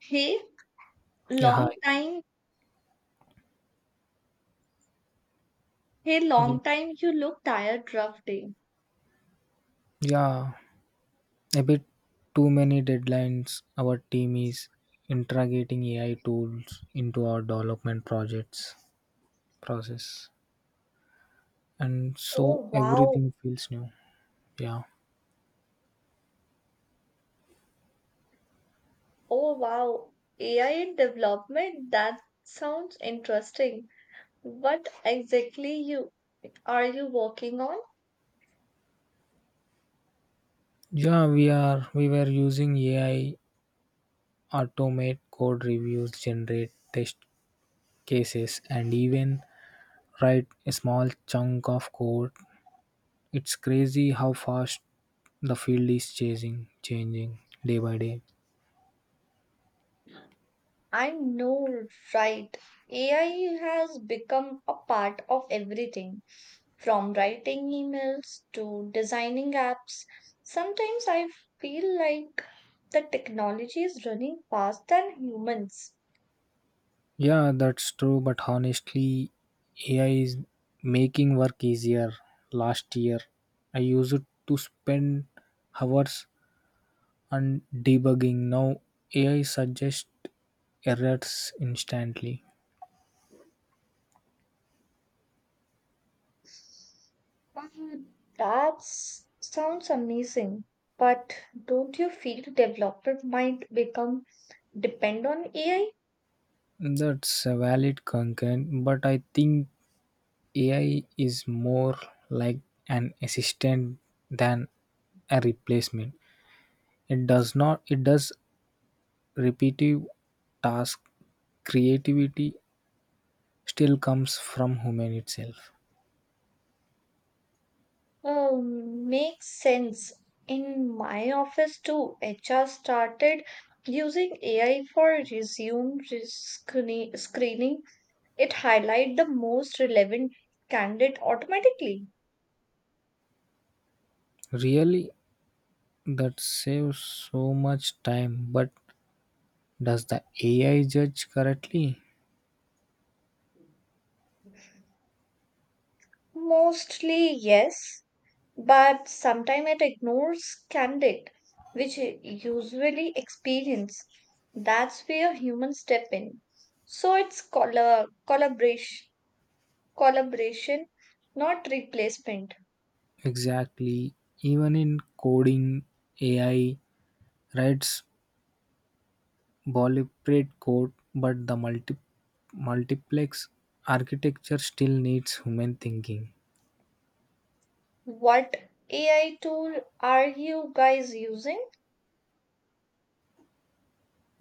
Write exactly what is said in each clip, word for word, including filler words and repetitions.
Hey, Yeah, hi. long time. Hey, long Ye- time. You look tired, rough day. Yeah, a bit too many deadlines. Our team is integrating A I tools into our development projects process, and Oh, so wow. everything feels new. Yeah, Oh, wow. A I development. That sounds interesting. What exactly you are you working on? yeah, we are we were using A I automate code reviews, generate test cases, and even write a small chunk of code. It's crazy how fast the field is chasing, changing day by day. I know, right. A I has become a part of everything, from writing emails to designing apps. Sometimes I feel like the technology is running faster than humans. Yeah, that's true, but honestly, A I is making work easier. Last year, I used it to spend hours on debugging. Now, A I suggests errors instantly. Mm, That s- sounds amazing, but don't you feel developer might become depend on A I? That's a valid concern, but I think A I is more like an assistant than a replacement. It does not, it does repetitive task creativity still comes from human itself. Uh, Makes sense. In my office too, H R started using A I for resume re- screen- screening. It highlight the most relevant candidate automatically. Really, that saves so much time, but does the A I judge correctly? Mostly, yes, but sometimes it ignores candidate which u- usually experience, that's where humans step in, so it's colla- collaboration collaboration, not replacement. Exactly. Even in coding, A I writes boilerplate code, but the multi- multiplex architecture still needs human thinking. What AI tool are you guys using?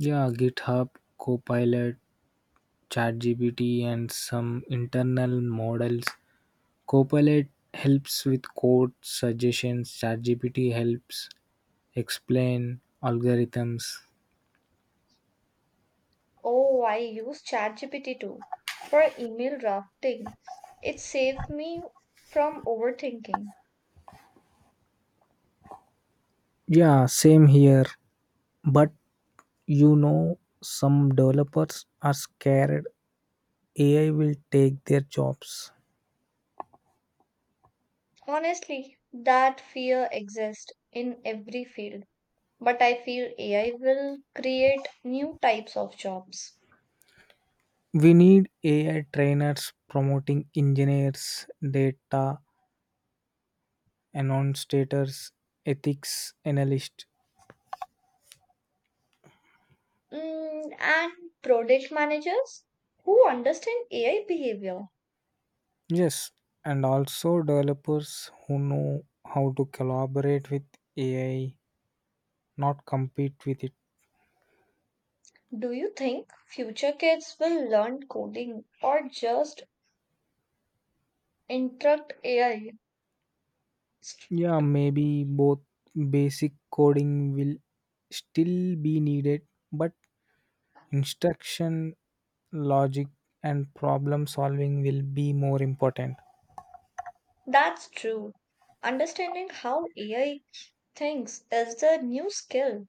Yeah, GitHub, Copilot, ChatGPT, and some internal models Copilot helps with code suggestions, ChatGPT helps explain algorithms. Oh, I use ChatGPT too, for email drafting. It saved me from overthinking. Yeah, same here. But you know, some developers are scared A I will take their jobs. Honestly, that fear exists in every field, but I feel A I will create new types of jobs. We need A I trainers promoting engineers, data annotators, ethics analysts. Mm, and product managers who understand A I behavior. Yes, and also developers who know how to collaborate with A I not compete with it. Do you think future kids will learn coding or just interrupt A I? Yeah, maybe both basic coding will still be needed, but instruction, logic, and problem solving will be more important. That's true. Understanding how A I thinks is the new skill.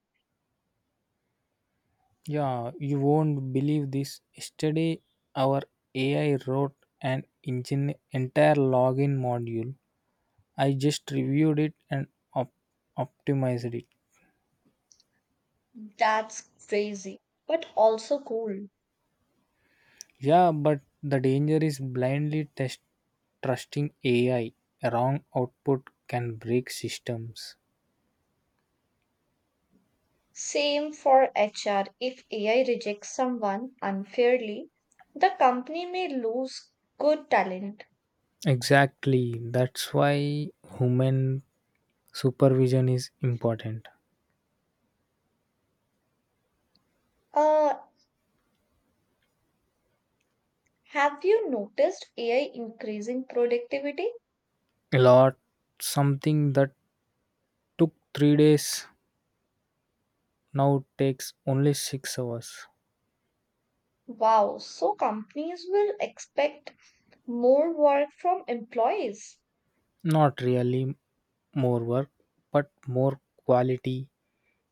Yeah, you won't believe this. Yesterday, our A I wrote an engine- entire login module. I just reviewed it and op- optimized it. That's crazy, but also cool. Yeah, but the danger is blindly test- trusting A I. Wrong output can break systems. Same for H R. If A I rejects someone unfairly, the company may lose good talent. Exactly. That's why human supervision is important. Uh, have you noticed A I increasing productivity? A lot something that took three days now takes only six hours. Wow, so companies will expect more work from employees. Not really more work, but more quality.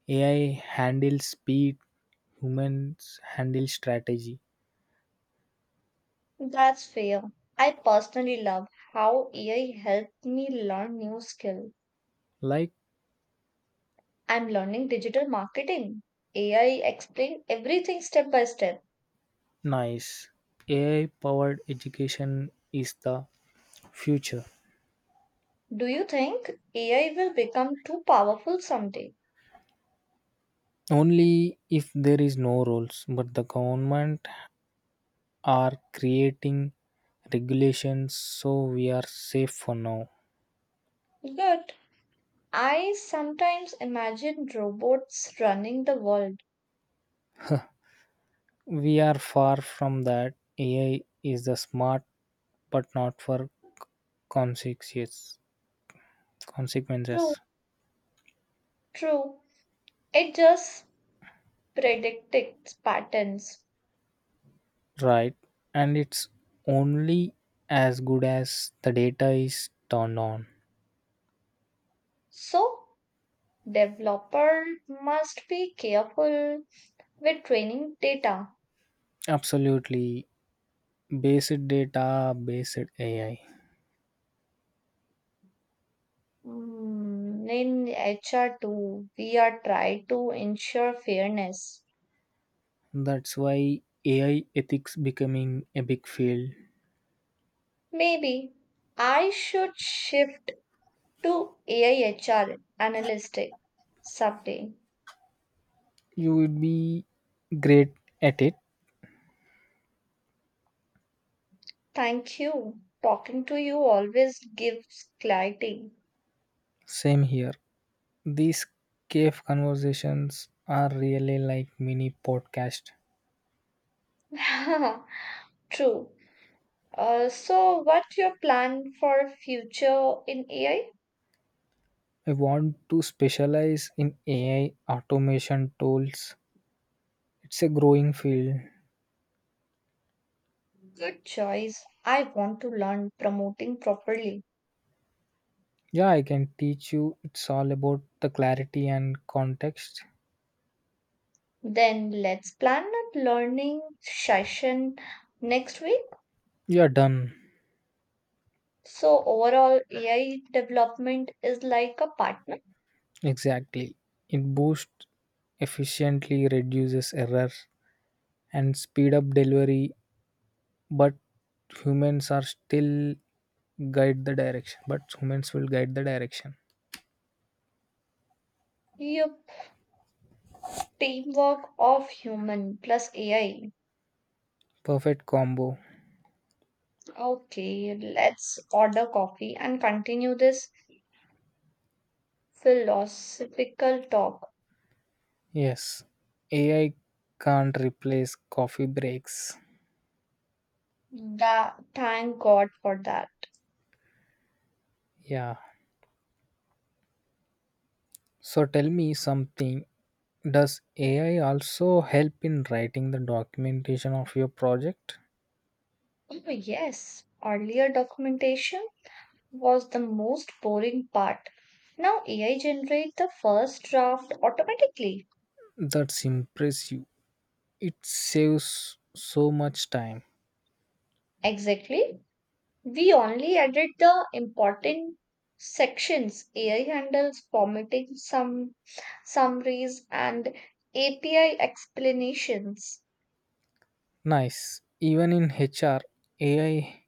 A I handles speed, humans handle strategy. That's fair. I personally love how A I helped me learn new skill. Like I'm learning digital marketing. A I explained everything step by step. Nice. A I-powered education is the future. Do you think A I will become too powerful someday? Only if there is no rules, but the government are creating regulations so we are safe for now. Good. I sometimes imagine robots running the world. We are far from that. A I is the smart but not for consequences. True, Consequences, true. It just predicts patterns. right? And it's only as good as the data is turned on. So, developer must be careful with training data. Absolutely Based data, based A I. Mm, In H R too, we are trying to ensure fairness. That's why A I ethics becoming a big field. Maybe I should shift to A I H R analytic someday. You would be great at it. Thank you. Talking to you always gives clarity. Same here. These cave conversations are really like mini podcast. True. Uh, so, what's your plan for future in A I? I want to specialize in A I automation tools. It's a growing field. Good choice. I want to learn promoting properly. Yeah, I can teach you. It's all about the clarity and context. Then let's plan a learning session next week. You're done. So, overall, A I development is like a partner. Exactly. It boosts efficiently, reduces error and speed up delivery, but humans are still guide the direction. But humans will guide the direction. Your teamwork of human plus A I. Perfect combo. Okay, let's order coffee and continue this philosophical talk. Yes. A I can't replace coffee breaks. Tha- thank God for that. Yeah. So tell me something. Does A I also help in writing the documentation of your project? Oh, yes, earlier documentation was the most boring part. Now A I generates the first draft automatically. That's impressive. It saves so much time. Exactly. We only edit the important sections. A I handles formatting, some summaries, and A P I explanations. Nice. Even in H R, A I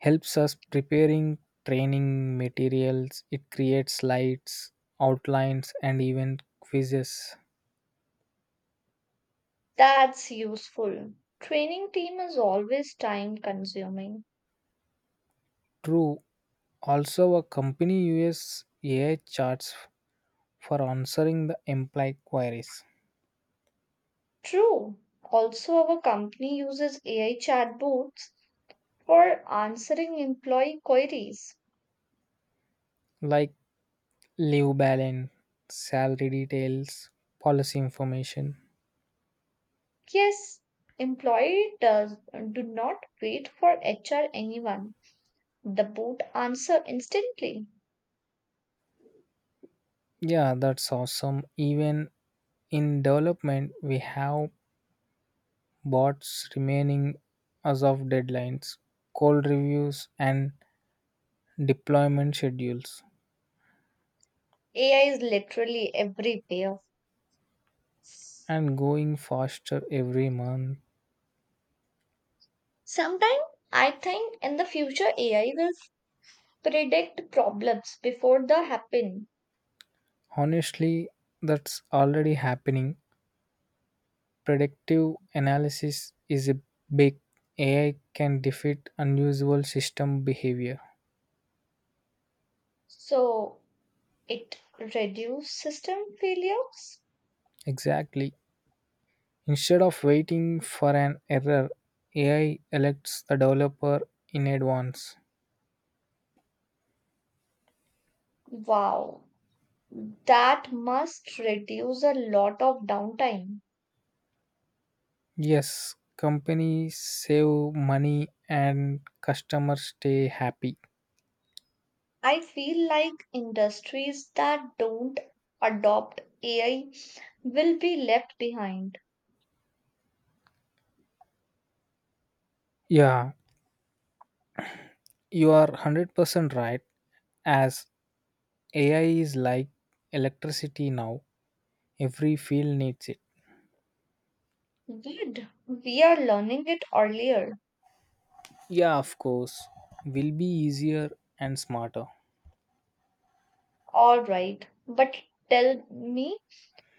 helps us preparing training materials. It creates slides, outlines, and even quizzes. That's useful. Training team is always time consuming. True. Also, a company uses A I charts for answering the employee queries True. Also, our company uses A I chatbots for answering employee queries. like leave balance, salary details, policy information. Yes, employee does do not wait for H R anyone. The bot answer instantly. Yeah, that's awesome. Even in development, we have bots remaining as of deadlines, code reviews, and deployment schedules, A I is literally everywhere. and going faster every month. Sometimes I think in the future A I will predict problems before they happen. Honestly, that's already happening. Predictive analysis is a big A I can defeat unusual system behavior. So it reduce system failures. Exactly. Instead of waiting for an error, A I alerts the developer in advance. Wow, that must reduce a lot of downtime. Yes, companies save money and customers stay happy. I feel like industries that don't adopt A I will be left behind. Yeah, you are one hundred percent right. As A I is like electricity now, every field needs it. Good. We are learning it earlier. Yeah, of course, will be easier and smarter. All right. But tell me,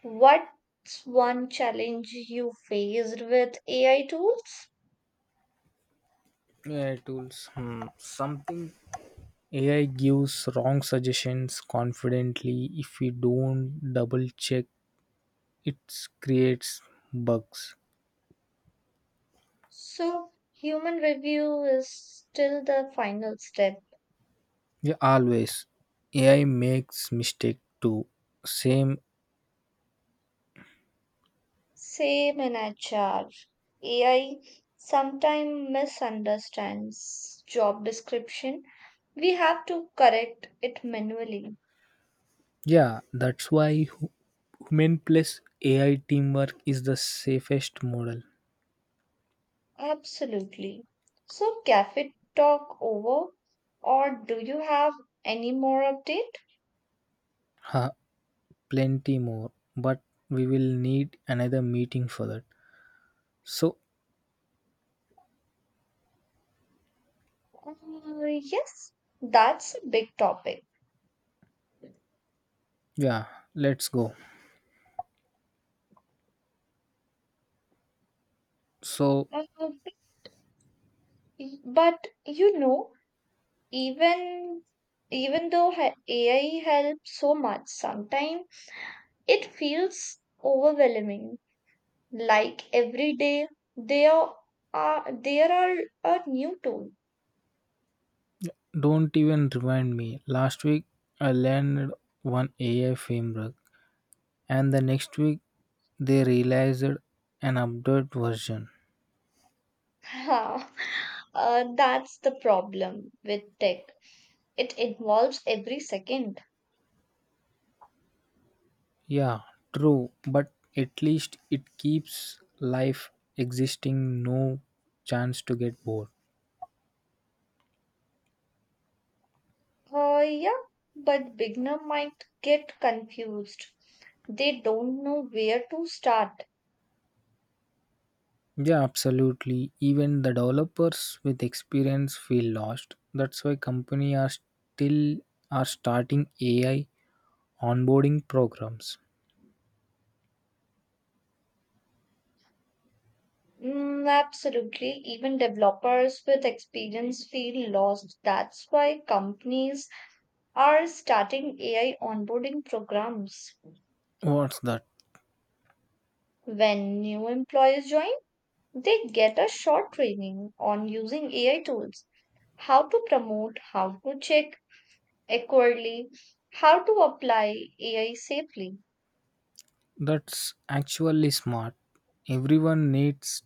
what's one challenge you faced with A I tools? A I tools, hmm, something A I gives wrong suggestions confidently if we don't double check, it creates bugs. So, human review is still the final step. Yeah, always. A I makes mistake too. Same. Same in H R. A I sometimes misunderstands job description. We have to correct it manually. Yeah, that's why hu- human plus A I teamwork is the safest model. Absolutely. So, cafe talk over, or do you have any more update? Ha, plenty more, but we will need another meeting for that. So, Uh, yes, that's a big topic. yeah, let's go. So, Uh, but you know, even even though ha- A I helps so much, sometimes it feels overwhelming. Like every day, there are there are a new tool. don't even remind me. Last week I learned one A I framework, and the next week they realized an updated version. Ha, uh, that's the problem with tech. It involves every second. Yeah, true, but at least it keeps life existing, no chance to get bored. Uh, yeah, but beginner might get confused. They don't know where to start. Yeah, absolutely. Even the developers with experience feel lost. That's why company are still are starting A I onboarding programs. Mm, absolutely. Even developers with experience feel lost. That's why companies are starting A I onboarding programs. What's that? When new employees join, they get a short training on using A I tools, how to promote, how to check accurately, how to apply A I safely. That's actually smart. Everyone needs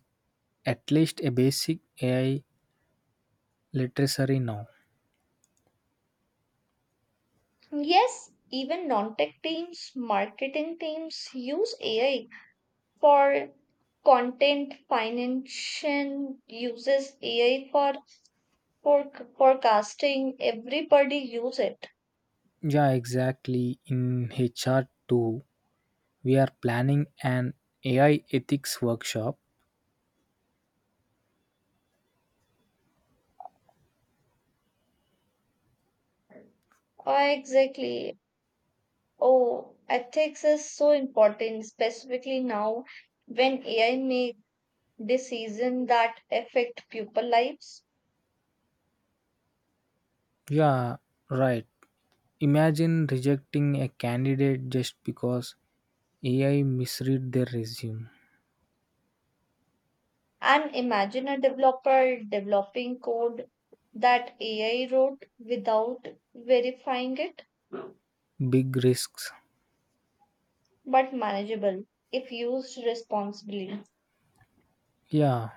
at least a basic A I literacy now. Yes, even non tech teams, marketing teams use A I for content, financial uses A I for, for forecasting. Everybody use it. Yeah, exactly. In H R too, we are planning an A I ethics workshop. Ah, exactly. Oh, ethics is so important, specifically now when A I make decisions that affect people lives. Yeah, right. Imagine rejecting a candidate just because A I misread their resume. And imagine a developer developing code that A I wrote without verifying it, Big risks. but manageable if used responsibly. Yeah.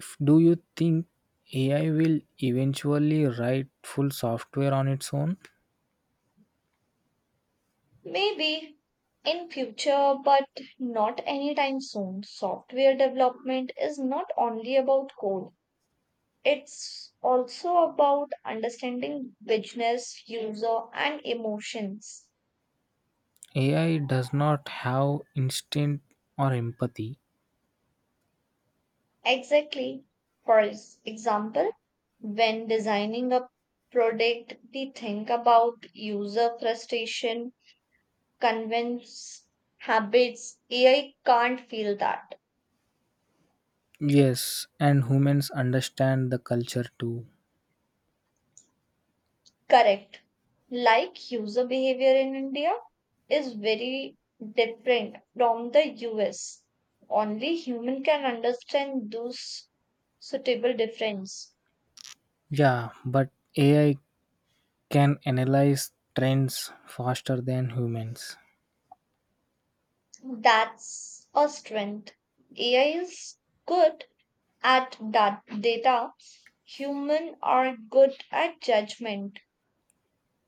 If- Do you think A I will eventually write full software on its own? Maybe in future, but not anytime soon. Software development is not only about code. It's also about understanding business, user, and emotions. A I does not have instinct or empathy. Exactly. For ex- example, when designing a product, we think about user frustration, convince habits. A I can't feel that. Yes, and humans understand the culture too. Correct. Like user behavior in India is very different from the U S. Only human can understand those suitable difference. Yeah, but A I can analyze trends faster than humans. That's a strength. A I is good at that data. Human are good at judgment.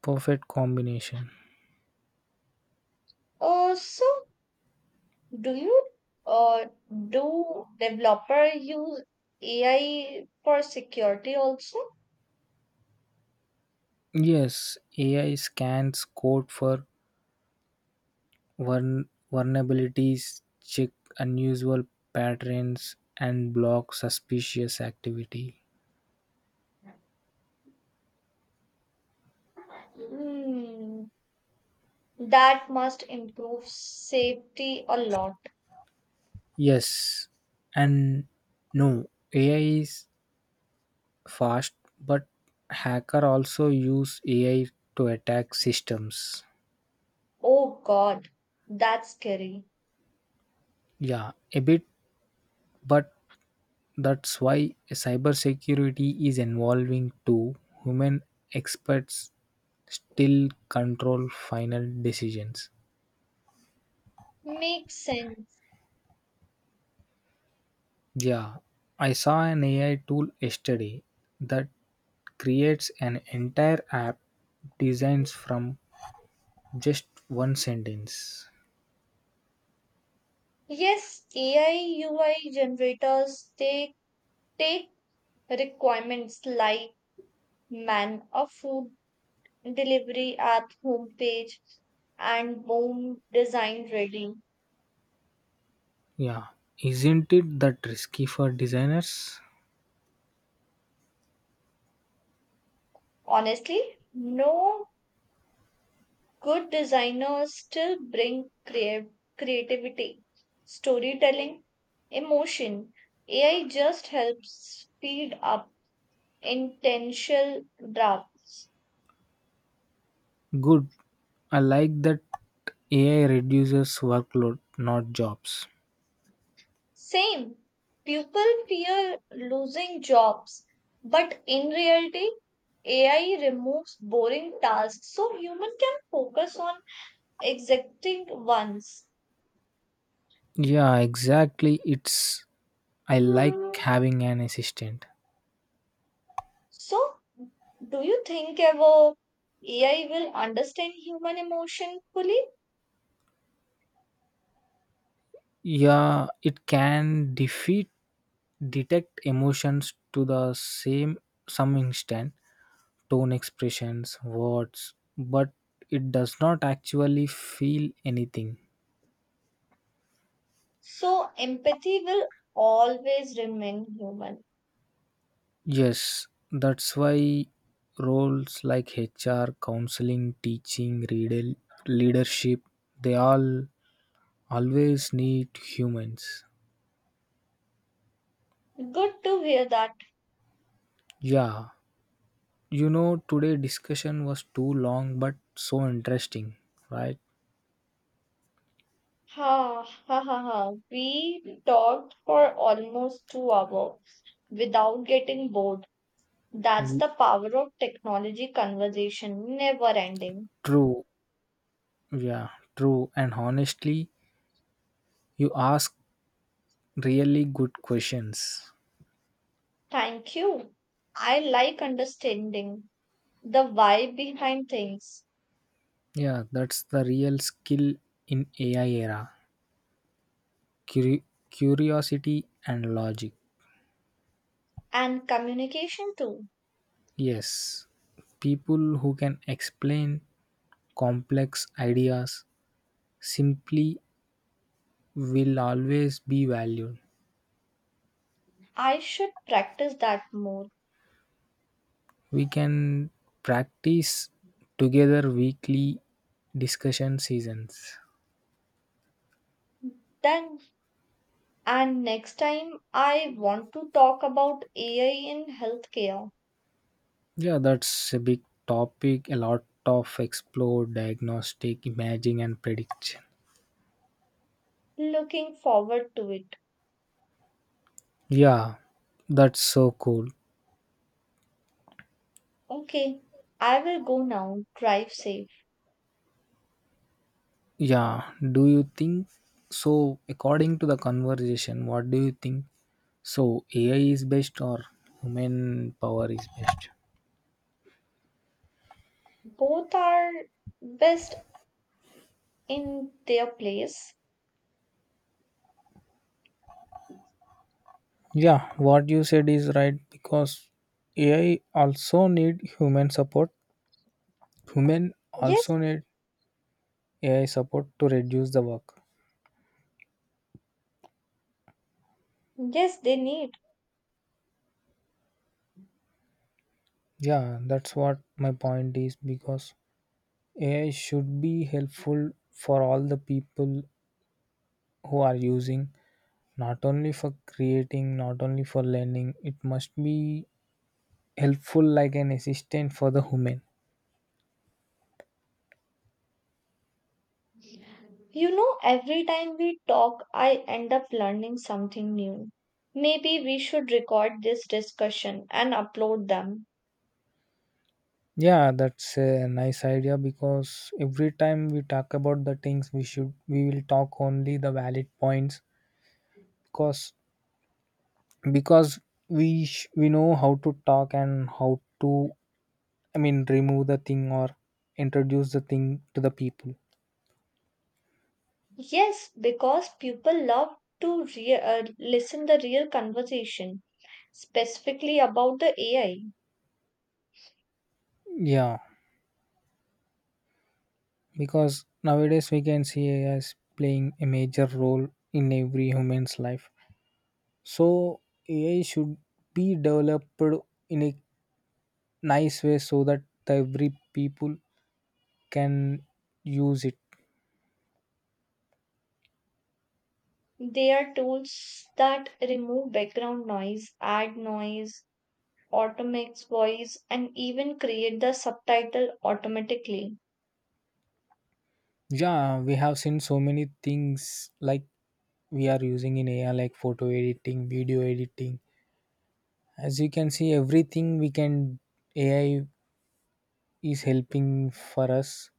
Perfect combination. Uh, so do you uh, do developer use A I for security also? Yes, A I scans code for vuln- vulnerabilities, check unusual patterns, and block suspicious activity. Hmm, that must improve safety a lot. Yes, and no, A I is fast, but hacker also use A I to attack systems. Oh God, that's scary. Yeah, a bit, but that's why cybersecurity is evolving too. Human experts still control final decisions. Makes sense. Yeah, I saw an A I tool yesterday that creates an entire app designs from just one sentence. Yes, A I U I generators, they take requirements like man or food delivery app homepage, and boom, design ready. Yeah, isn't it that risky for designers? Honestly, no, good designers still bring crea- creativity, storytelling, emotion. A I just helps speed up intentional drafts. Good. I like that A I reduces workload, not jobs. Same, people fear losing jobs, but in reality, A I removes boring tasks so human can focus on exacting ones. Yeah, exactly. It's I like having an assistant. So, do you think ever A I will understand human emotion fully? Yeah, it can defeat detect emotions to the same some instant tone expressions, words, but it does not actually feel anything. So, empathy will always remain human. Yes, that's why roles like H R, counseling, teaching, readel- leadership, they all always need humans. Good to hear that. Yeah, you know, today discussion was too long but so interesting, right? Ha ha ha ha. We talked for almost two hours without getting bored. That's Y- the power of technology conversation, never ending. True. Yeah, true. And honestly, you ask really good questions. Thank you. I like understanding the why behind things, Yeah, that's the real skill in A I era. Curi- curiosity and logic. and communication too. Yes, people who can explain complex ideas simply will always be valued. I should practice that more. We can practice together weekly discussion seasons. Then, and next time I want to talk about A I in healthcare. Yeah, that's a big topic, a lot of explore diagnostic, imaging, and prediction. Looking forward to it. Yeah, that's so cool. Okay, I will go now. Drive safe. Yeah, do you think so? According to the conversation, what do you think? So, A I is best or human power is best? Both are best in their place. Yeah, what you said is right because A I also need human support. Human Yes, also need A I support to reduce the work. yes, they need. Yeah, that's what my point is because A I should be helpful for all the people who are using. Not only for creating, not only for learning, it must be helpful like an assistant for the human. You know, every time we talk, I end up learning something new. Maybe we should record this discussion and upload them. Yeah, that's a nice idea because every time we talk about the things we should we will talk only the valid points because because we sh- we know how to talk and how to, I mean, remove the thing or introduce the thing to the people. Yes, because people love to re- uh, listen the real conversation, specifically about the A I. Yeah, because nowadays we can see A I is playing a major role in every human's life. So A I should be developed in a nice way so that every people can use it. They are tools that remove background noise, add noise, automate voice, and even create the subtitle automatically. Yeah, we have seen so many things like we are using in A I like photo editing, video editing. As you can see, everything we can A I is helping for us.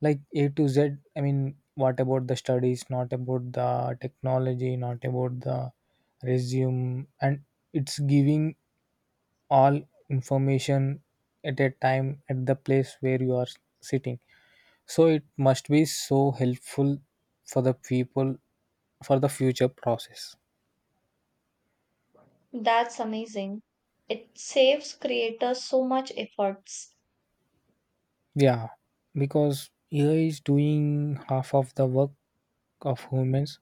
Like A to Z, I mean, what about the studies, not about the technology, not about the resume, and it's giving all information at a time at the place where you are sitting so it must be so helpful for the people for the future process That's amazing. It saves creators so much efforts. yeah because AI is doing half of the work of humans.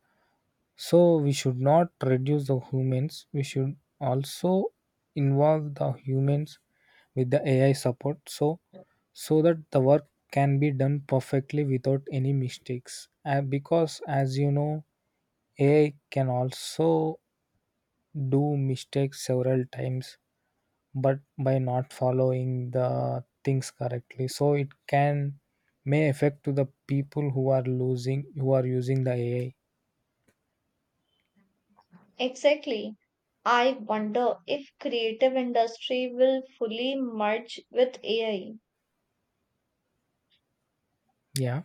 So we should not reduce the humans. We should also involve the humans with the A I support so so that the work can be done perfectly without any mistakes. And because as you know, A I can also do mistakes several times but by not following the things correctly. So it can may affect to the people who are losing who are using the A I. Exactly. I wonder if creative industry will fully merge with A I. Yeah.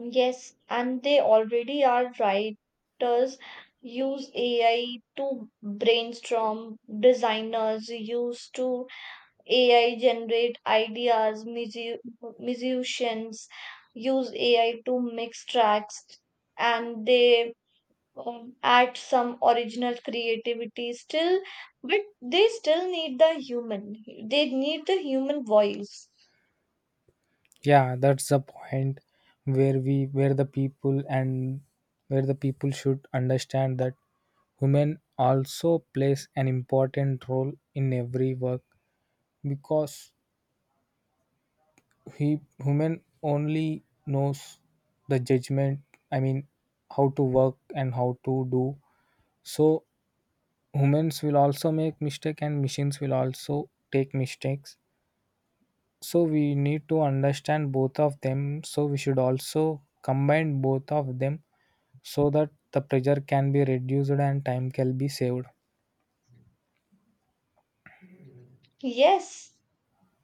Yes, and they already are, writers use A I to brainstorm, designers use to A I generate ideas, musi- musicians use A I to mix tracks, and they um, add some original creativity still, but they still need the human, they need the human voice. Yeah, that's the point where we where the people, and where the people should understand that women also plays an important role in every work because he women only knows the judgment, I mean how to work and how to do. So humans will also make mistake and machines will also take mistakes so we need to understand both of them so we should also combine both of them so that the pressure can be reduced and time can be saved. Yes,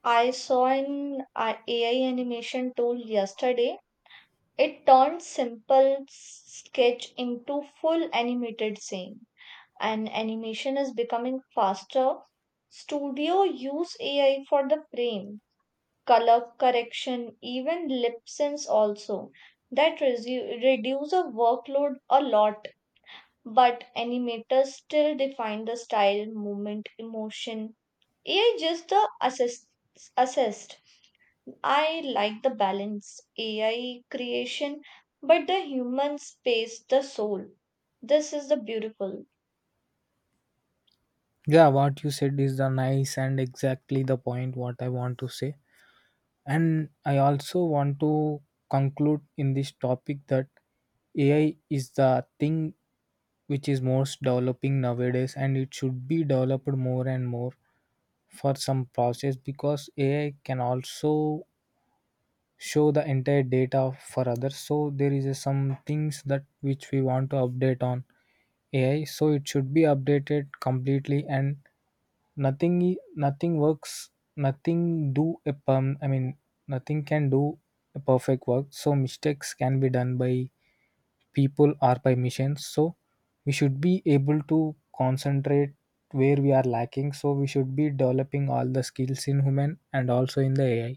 I saw an AI animation tool yesterday. It turned simple s- sketch into full animated scene, and animation is becoming faster. Studio use AI for the frame color correction, even lip syncs also. That resu- reduce a workload a lot, but animators still define the style, movement, emotion. A I just the assist assist. I like the balance, A I creation, but the human space, the soul. This is the beautiful. Yeah, what you said is the nice and exactly the point what I want to say and I also want to conclude in this topic that AI is the thing which is most developing nowadays and it should be developed more and more for some process because AI can also show the entire data for others so there is a some things that which we want to update on A I, so it should be updated completely and nothing i- nothing works, nothing do a perm I mean nothing can do a perfect work. So mistakes can be done by people or by machines. So we should be able to concentrate where we are lacking. So we should be developing all the skills in human and also in the A I.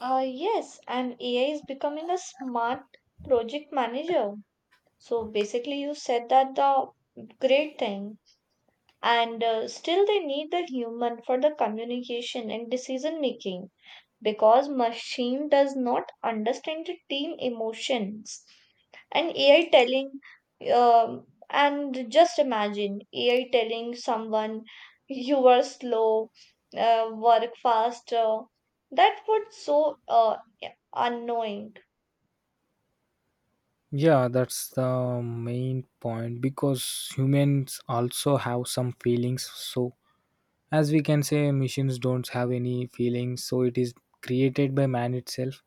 Uh, yes, and A I is becoming a smart project manager. So basically, you said that the great thing, and uh, still they need the human for the communication and decision making, because machine does not understand the team emotions. And A I telling, um, and just imagine A I telling someone you were slow, uh, work faster. That would so uh, unknowing. Yeah, that's the main point because humans also have some feelings. So as we can say machines don't have any feelings, so it is created by man itself.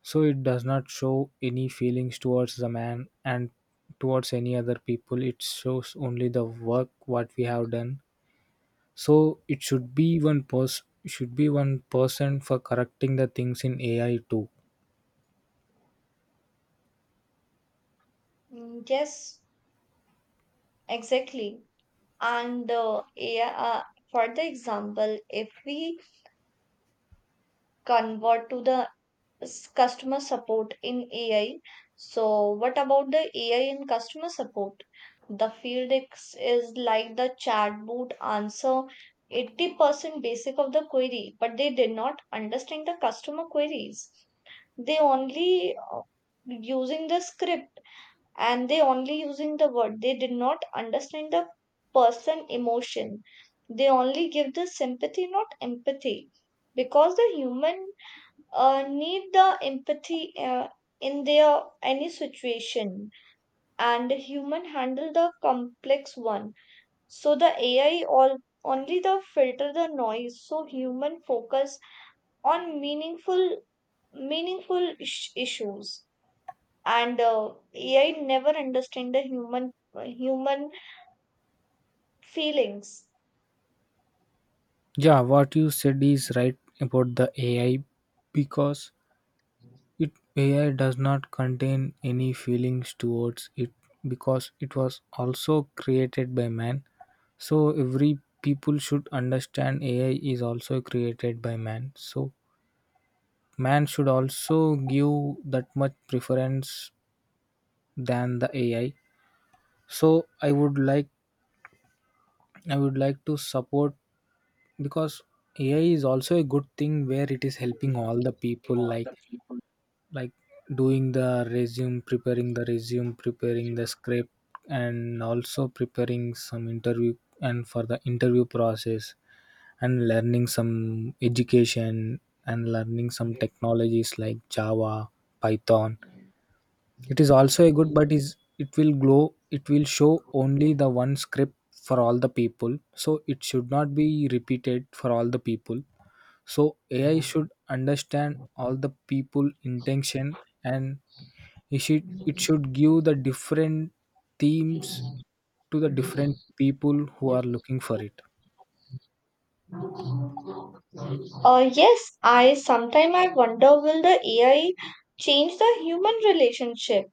So it does not show any feelings towards the man and towards any other people. It shows only the work what we have done. So it should be one person should be one person for correcting the things in AI too. Mm, Yes, exactly. And uh, yeah, uh, for the example, if we convert to the s- customer support in A I, so what about the A I in customer support? The field ex- is like the chatbot answer eighty percent basic of the query, but they did not understand the customer queries. They only uh, using the script, and they only using the word, they did not understand the person emotion. They only give the sympathy, not empathy, because the human uh, need the empathy uh, in their any situation, and the human handle the complex one. So the AI all only the filter the noise, so human focus on meaningful meaningful ish- issues. And uh, A I never understand the human uh, human feelings. Yeah, what you said is right about the AI, because It A I does not contain any feelings towards it, because it was also created by man. So every people should understand A I is also created by man. So man should also give that much preference than the A I. So I would like I would like to support, because A I is also a good thing where it is helping all the people, like like doing the resume, preparing the resume, preparing the script, and also preparing some interview, and for the interview process, and learning some education, and learning some technologies like Java, Python. It is also a good but is it will glow it will show only the one script for all the people, so it should not be repeated for all the people. So A I should understand all the people intention, and it should it should give the different themes to the different people who are looking for it. Uh, yes, I sometime I wonder will the A I change the human relationship?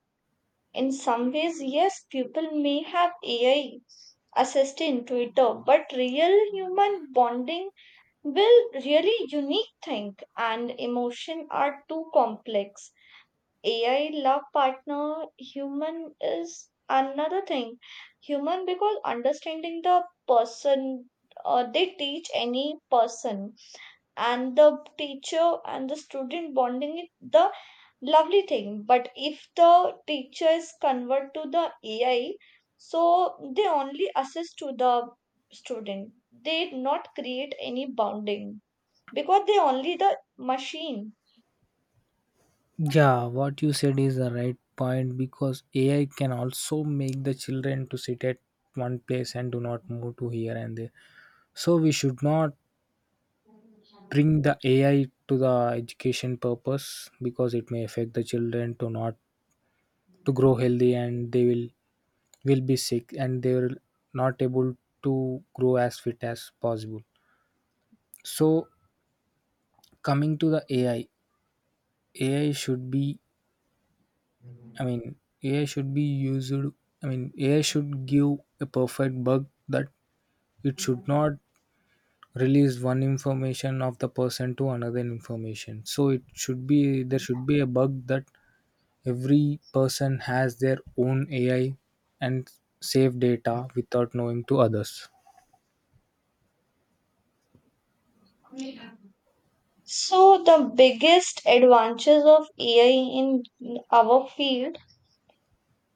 In some ways, yes, people may have A I assist in Twitter, but real human bonding will really unique thing, and emotion are too complex. A I love partner, human is another thing. Human because understanding the person, uh, they teach any person, and the teacher and the student bonding is the lovely thing. But if the teacher is convert to the A I, so they only assist to the student. They not create any bonding because they only the machine. Yeah, what you said is the right point, because A I can also make the children to sit at one place and do not move to here and there. So we should not bring the A I to the education purpose, because it may affect the children to not to grow healthy, and they will will be sick, and they will not able to grow as fit as possible. So coming to the ai ai should be, I mean, AI should be used, I mean, AI should give a perfect bug, that it should not release one information of the person to another information. So it should be there should be a bug, that every person has their own AI, and save data without knowing to others. So, the biggest advantages of A I in our field,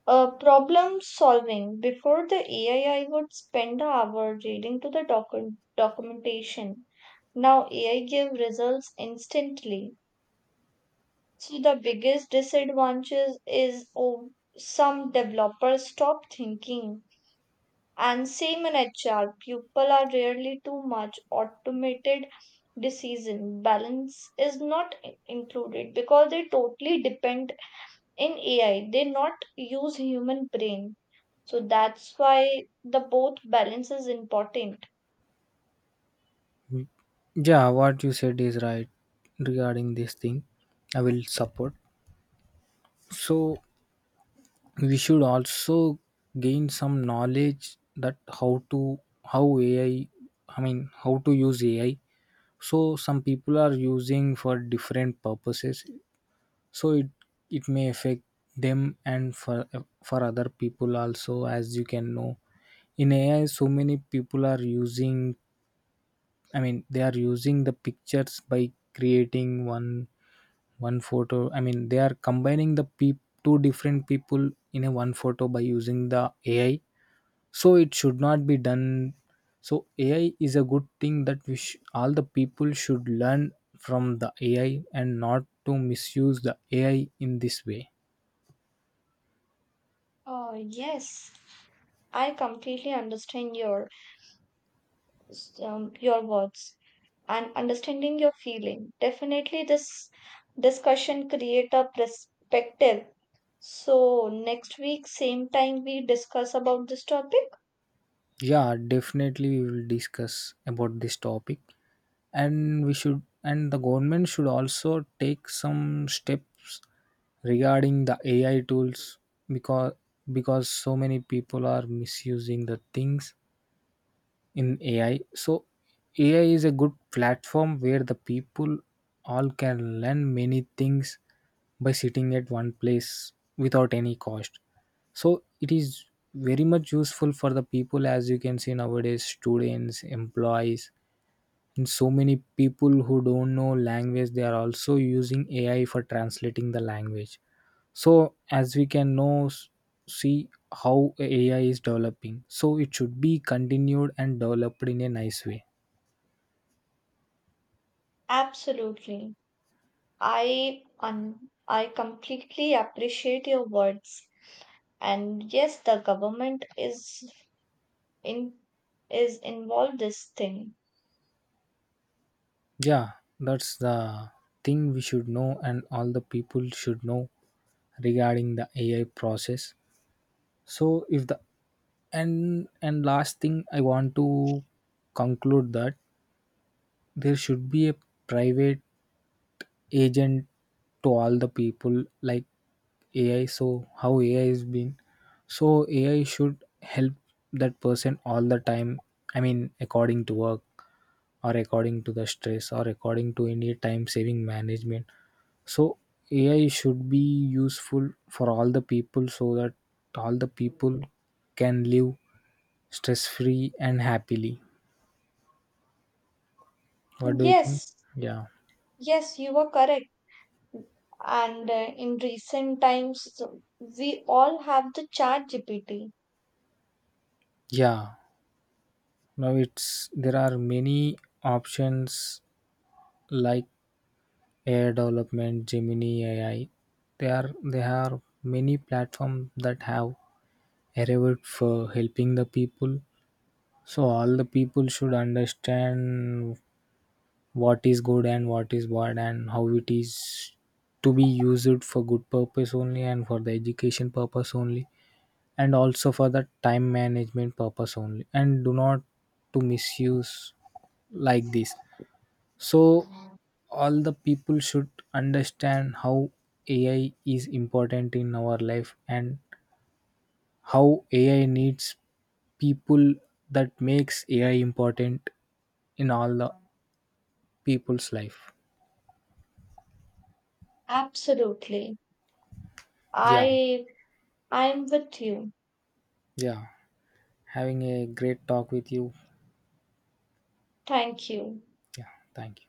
uh, problem solving. Before the A I, I I would spend an hour reading to the docu- documentation. Now A I give results instantly. So the biggest disadvantages is oh, some developers stop thinking. And same in H R, people are rarely too much automated decision. Balance is not i- included because they totally depend in A I. They not use human brain. So that's why the both balance is important. Yeah, what you said is right regarding this thing. I will support. So we should also gain some knowledge that, how to how AI I I mean, how to use A I. So some people are using for different purposes. So it it may affect them, and for for other people also, as you can know. In A I, so many people are using, I mean, they are using the pictures by creating one One photo, I mean, they are combining the peop two different people in a one photo by using the A I. So it should not be done. So A I is a good thing that we sh- all the people should learn from the A I and not to misuse the A I in this way. Oh yes, I completely understand your um, your words and understanding your feeling. Definitely, this discussion create a perspective. So next week, same time we discuss about this topic? Yeah, definitely we will discuss about this topic. And we should and the government should also take some steps regarding the AI tools, because because so many people are misusing the things in AI. So AI is a good platform where the people all can learn many things by sitting at one place without any cost. So it is very much useful for the people, as you can see nowadays students, employees, and so many people who don't know language, they are also using A I for translating the language. So as we can know, s- see how A I is developing. So it should be continued and developed in a nice way. Absolutely. I un I completely appreciate your words. And yes, the government is in is involved this thing. Yeah, that's the thing we should know, and all the people should know regarding the A I process. So if the and and last thing I want to conclude, that there should be a private agent to all the people, like AI. So how AI is been? So AI should help that person all the time, I mean, according to work, or according to the stress, or according to any time saving management. So AI should be useful for all the people, so that all the people can live stress free and happily. What do you think? Yes, Yeah, yes, you are correct. And uh, in recent times, so we all have the chat G P T. yeah. Now it's there are many options, like A I development, Gemini A I. There are there are many platforms that have arrived for helping the people. So all the people should understand what is good and what is bad, and how it is to be used, for good purpose only and for the education purpose only, and also for the time management purpose only, and do not to misuse like this. So, all the people should understand how A I is important in our life, and how A I needs people, that makes A I important in all the people's life. Absolutely. Yeah, I I'm with you. yeah. Having a great talk with you. Thank you. Yeah, thank you.